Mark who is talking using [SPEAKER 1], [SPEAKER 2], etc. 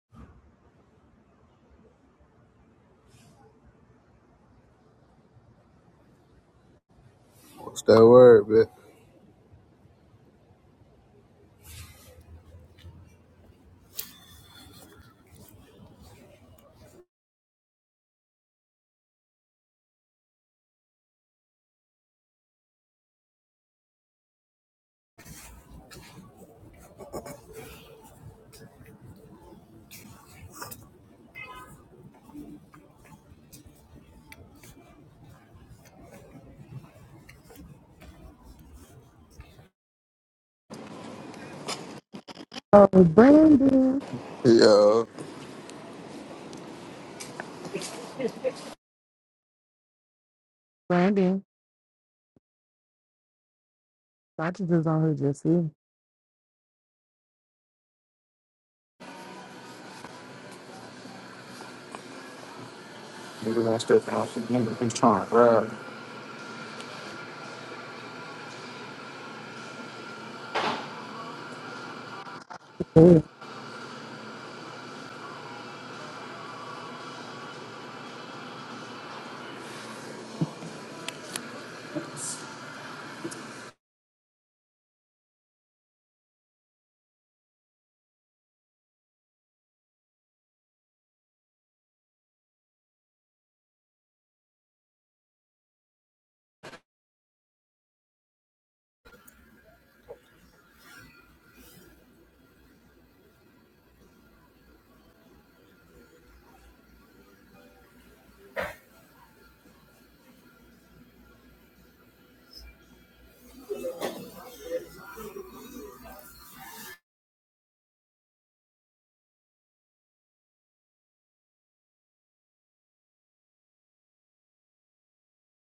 [SPEAKER 1] What's that word, bitch?
[SPEAKER 2] Oh, Brandon.
[SPEAKER 1] Yeah,
[SPEAKER 2] Brandon. Conscience is on her just see.
[SPEAKER 1] maybe that's just my number. He's trying to grab.